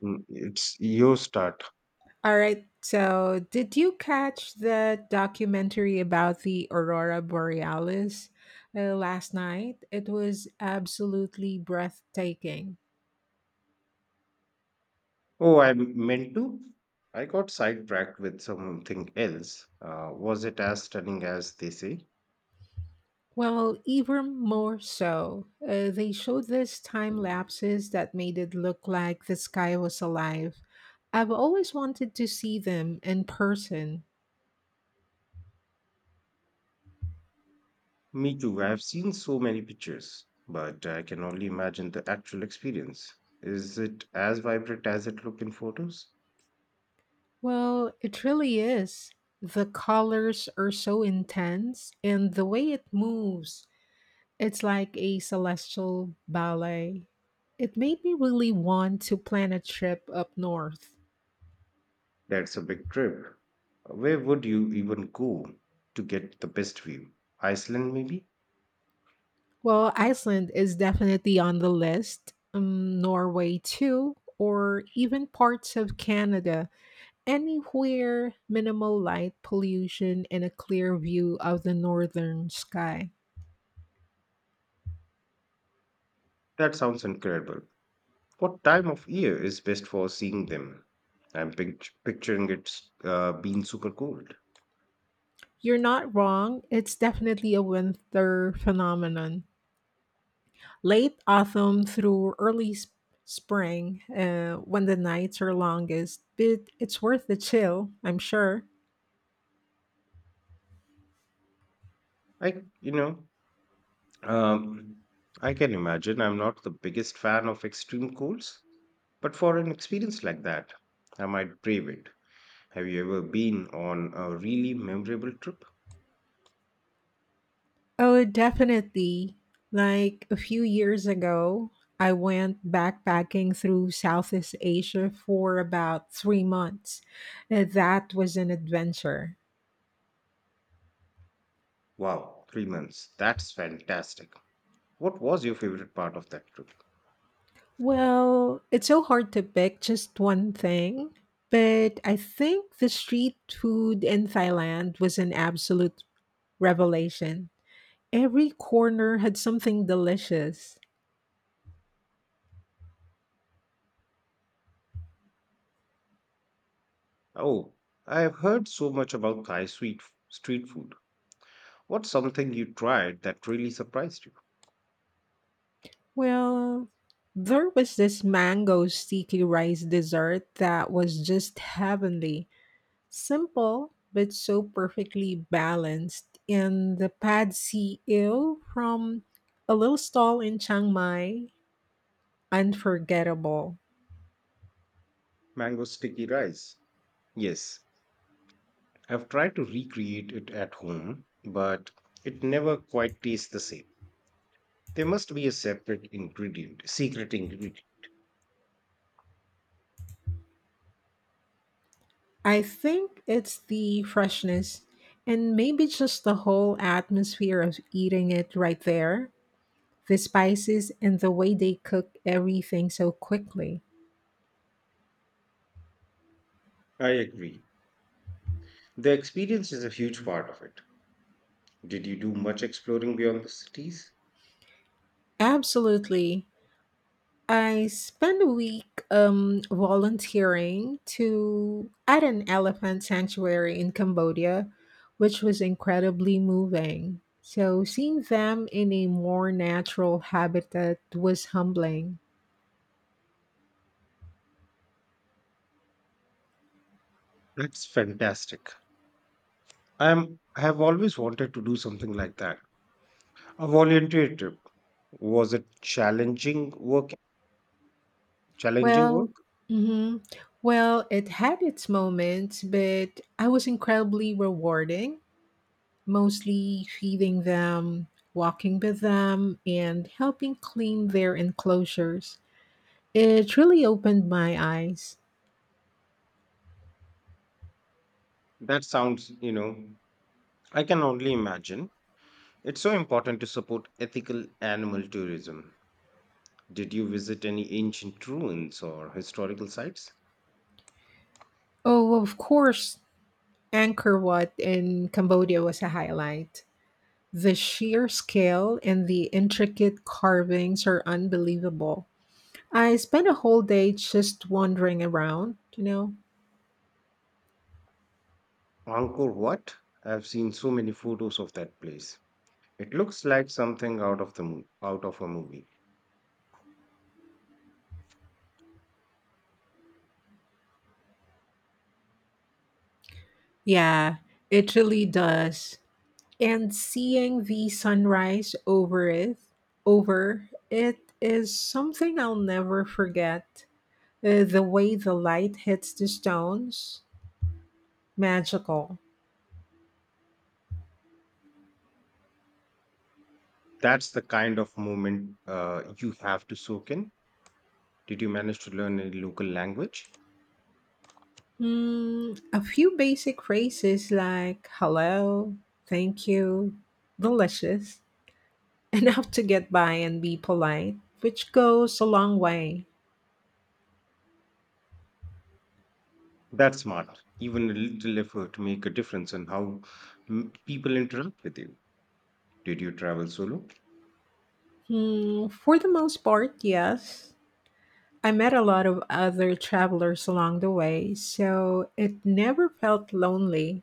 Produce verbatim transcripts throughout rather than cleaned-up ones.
Mm, it's your start. All right. So, did you catch the documentary about the aurora borealis uh, last night? It was absolutely breathtaking. Oh, I meant to. I got sidetracked with something else. Uh, was it as stunning as they say? Well, even more so, uh, they showed these time lapses that made it look like the sky was alive. I've always wanted to see them in person. Me too. I've seen so many pictures, but I can only imagine the actual experience. Is it as vibrant as it looked in photos? Well, it really is. The colors are so intense and the way it moves, it's like a celestial ballet. It made me really want to plan a trip up north. That's a big trip. Where would you even go to get the best view? Iceland, maybe? Well, Iceland is definitely on the list, um, Norway too, or even parts of Canada. Anywhere minimal light pollution and a clear view of the northern sky. That sounds incredible. What time of year is best for seeing them? I'm pict- picturing it's uh, being super cold. You're not wrong, it's definitely a winter phenomenon. Late autumn through early sp- spring, uh, when the nights are longest, but it's worth the chill, I'm sure. I, you know, um, I can imagine I'm not the biggest fan of extreme colds, but for an experience like that, I might brave it. Have you ever been on a really memorable trip? Oh, definitely. Like a few years ago, I went backpacking through Southeast Asia for about three months. Uh, That was an adventure. Wow, three months. That's fantastic. What was your favorite part of that trip? Well, it's so hard to pick just one thing, but I think the street food in Thailand was an absolute revelation. Every corner had something delicious. Oh, I have heard so much about Thai sweet f- street food. What's something you tried that really surprised you? Well, there was this mango sticky rice dessert that was just heavenly. Simple, but so perfectly balanced. And the pad see ew from a little stall in Chiang Mai, unforgettable. Mango sticky rice. Yes, I've tried to recreate it at home, but it never quite tastes the same. There must be a separate ingredient, secret ingredient. I think it's the freshness and maybe just the whole atmosphere of eating it right there, the spices and the way they cook everything so quickly. I agree. The experience is a huge part of it. Did you do much exploring beyond the cities? Absolutely. I spent a week um, volunteering to at an elephant sanctuary in Cambodia, which was incredibly moving. So seeing them in a more natural habitat was humbling. That's fantastic. I'm I have always wanted to do something like that. A volunteer trip. Was it challenging work? Challenging Well, work? mhm. well, it had its moments, but I was incredibly rewarding, mostly feeding them, walking with them, and helping clean their enclosures. It really opened my eyes. That sounds, you know, I can only imagine. It's so important to support ethical animal tourism. Did you visit any ancient ruins or historical sites? Oh, of course, Angkor Wat in Cambodia was a highlight. The sheer scale and the intricate carvings are unbelievable. I spent a whole day just wandering around, you know? Angkor Wat? I've seen so many photos of that place. It looks like something out of the mo- out of a movie. Yeah, it really does. And seeing the sunrise over it over it is something I'll never forget. Uh, the way the light hits the stones, magical. That's the kind of moment uh, you have to soak in. Did you manage to learn a local language? Mm, a few basic phrases like hello, thank you, delicious, enough to get by and be polite, which goes a long way. That's smart. Even a little effort make a difference in how mm, people interact with you. Did you travel solo? Hmm, for the most part, yes. I met a lot of other travelers along the way, so it never felt lonely.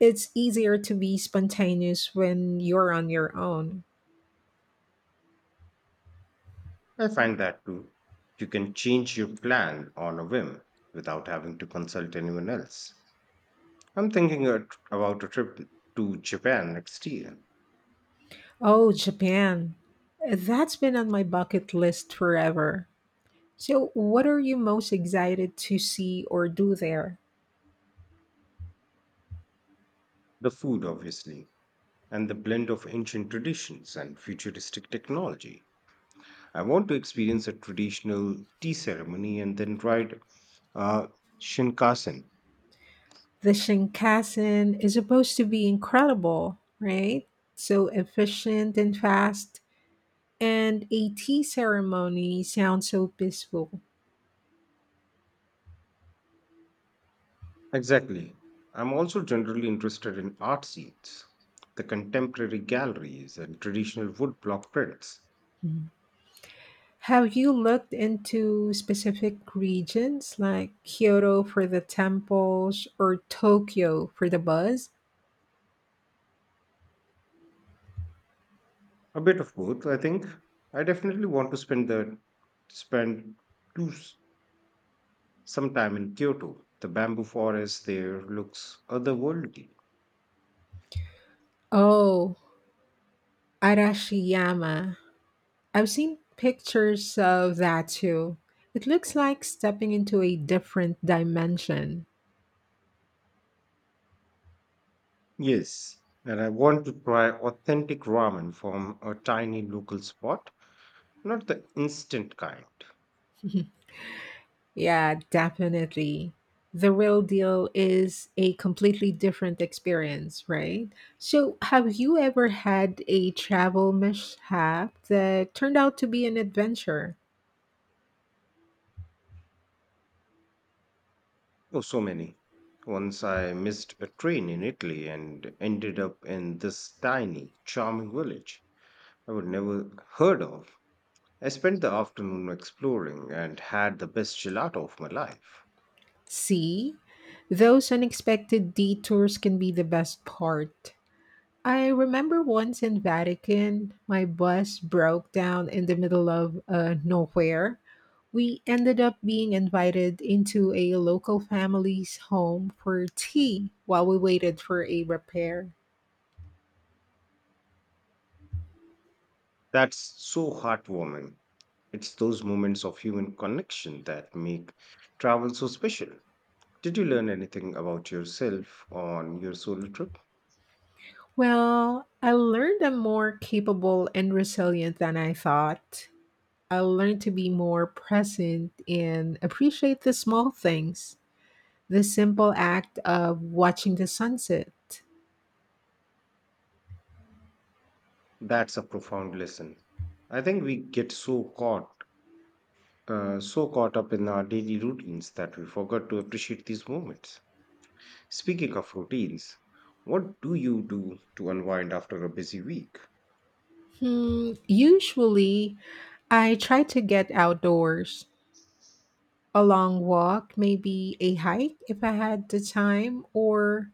It's easier to be spontaneous when you're on your own. I find that too. You can change your plan on a whim without having to consult anyone else. I'm thinking a tr- about a trip to Japan next year. Oh, Japan. That's been on my bucket list forever. So, what are you most excited to see or do there? The food, obviously, and the blend of ancient traditions and futuristic technology. I want to experience a traditional tea ceremony and then ride uh, Shinkansen. The Shinkansen is supposed to be incredible, right? So efficient and fast. And a tea ceremony sounds so peaceful. Exactly. I'm also generally interested in art scenes, the contemporary galleries, and traditional woodblock prints. Hmm. Have you looked into specific regions like Kyoto for the temples or Tokyo for the buzz? A bit of both, I think. I definitely want to spend the spend two, s- some time in Kyoto. The bamboo forest there looks otherworldly. Oh, Arashiyama. I've seen pictures of that too. It looks like stepping into a different dimension. Yes, and I want to try authentic ramen from a tiny local spot, not the instant kind. Yeah, definitely. The real deal is a completely different experience, right? So, have you ever had a travel mishap that turned out to be an adventure? Oh, so many. Once I missed a train in Italy and ended up in this tiny, charming village I would never heard of. I spent the afternoon exploring and had the best gelato of my life. See, those unexpected detours can be the best part. I remember once in Vatican, my bus broke down in the middle of uh, nowhere. We ended up being invited into a local family's home for tea while we waited for a repair. That's so heartwarming. It's those moments of human connection that make travel so special. Did you learn anything about yourself on your solo trip? Well, I learned I'm more capable and resilient than I thought. I learned to be more present and appreciate the small things. The simple act of watching the sunset. That's a profound lesson. I think we get so caught, uh, so caught up in our daily routines that we forget to appreciate these moments. Speaking of routines, what do you do to unwind after a busy week? Hmm, usually, I try to get outdoors. A long walk, maybe a hike if I had the time, or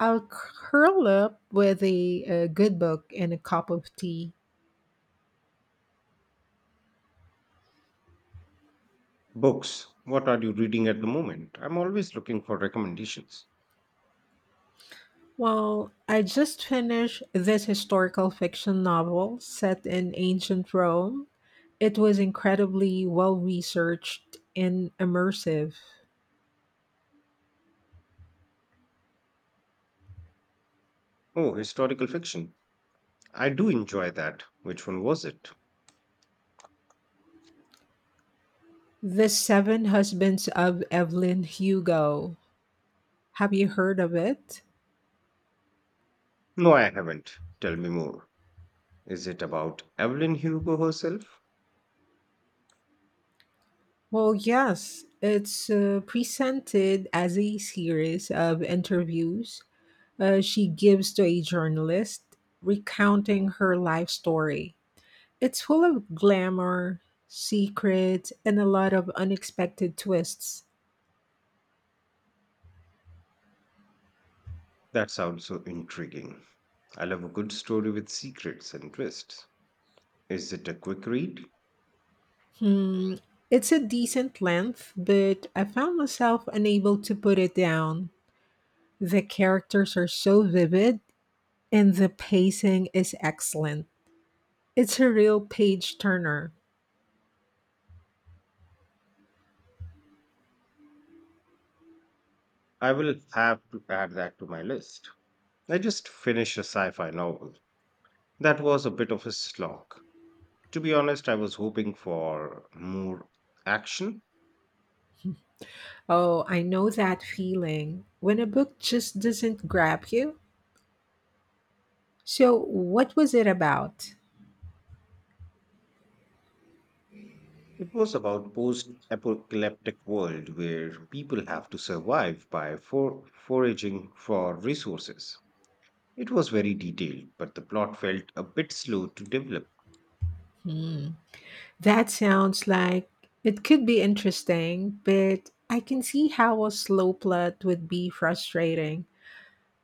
I'll curl up with a, a good book and a cup of tea. Books. What are you reading at the moment? I'm always looking for recommendations. Well, I just finished this historical fiction novel set in ancient Rome. It was incredibly well researched and immersive. Oh, historical fiction. I do enjoy that. Which one was it? The Seven Husbands of Evelyn Hugo. Have you heard of it? No, I haven't. Tell me more. Is it about Evelyn Hugo herself? Well, yes, it's uh, presented as a series of interviews uh, she gives to a journalist recounting her life story. It's full of glamour, secrets, and a lot of unexpected twists. That sounds so intriguing. I love a good story with secrets and twists. Is it a quick read? Hmm, it's a decent length, but I found myself unable to put it down. The characters are so vivid, and the pacing is excellent. It's a real page turner. I will have to add that to my list. I just finished a sci fi novel. That was a bit of a slog. To be honest, I was hoping for more action. Oh, I know that feeling when a book just doesn't grab you. So, what was it about? It was about post-apocalyptic world where people have to survive by for foraging for resources. It was very detailed, but the plot felt a bit slow to develop. That sounds like it could be interesting, but I can see how a slow plot would be frustrating.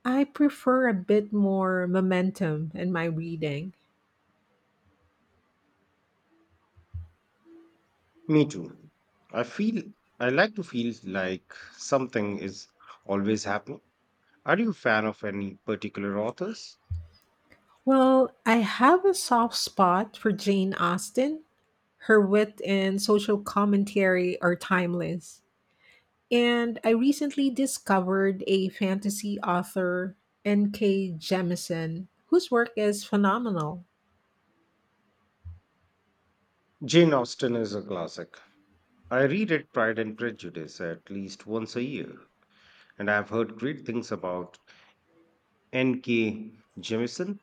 I prefer a bit more momentum in my reading. Me too. I feel I like to feel like something is always happening. Are you a fan of any particular authors? Well, I have a soft spot for Jane Austen. Her wit and social commentary are timeless. And I recently discovered a fantasy author, N K. Jemisin, whose work is phenomenal. Jane Austen is a classic. I reread Pride and Prejudice at least once a year, and I've heard great things about N K. Jemisin.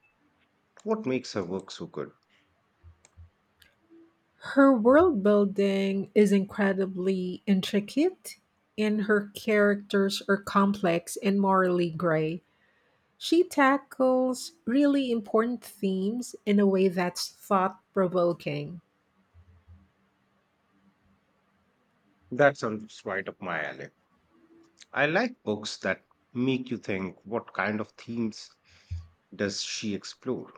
What makes her work so good? Her world building is incredibly intricate, and her characters are complex and morally gray. She tackles really important themes in a way that's thought provoking. That sounds right up my alley. I like books that make you think. What kind of themes does she explore?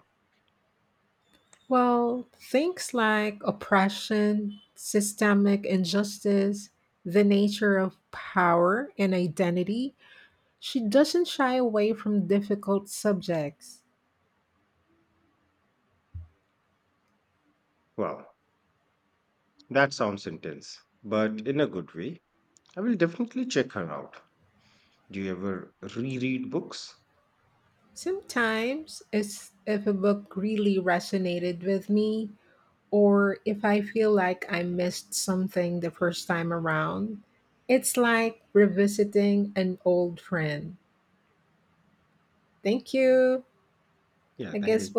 Well, things like oppression, systemic injustice, the nature of power and identity, she doesn't shy away from difficult subjects. Wow, that sounds intense, but in a good way. I will definitely check her out. Do you ever reread books? Sometimes, it's if a book really resonated with me, or if I feel like I missed something the first time around, it's like revisiting an old friend. Thank you. Yeah, I thank guess we'll you.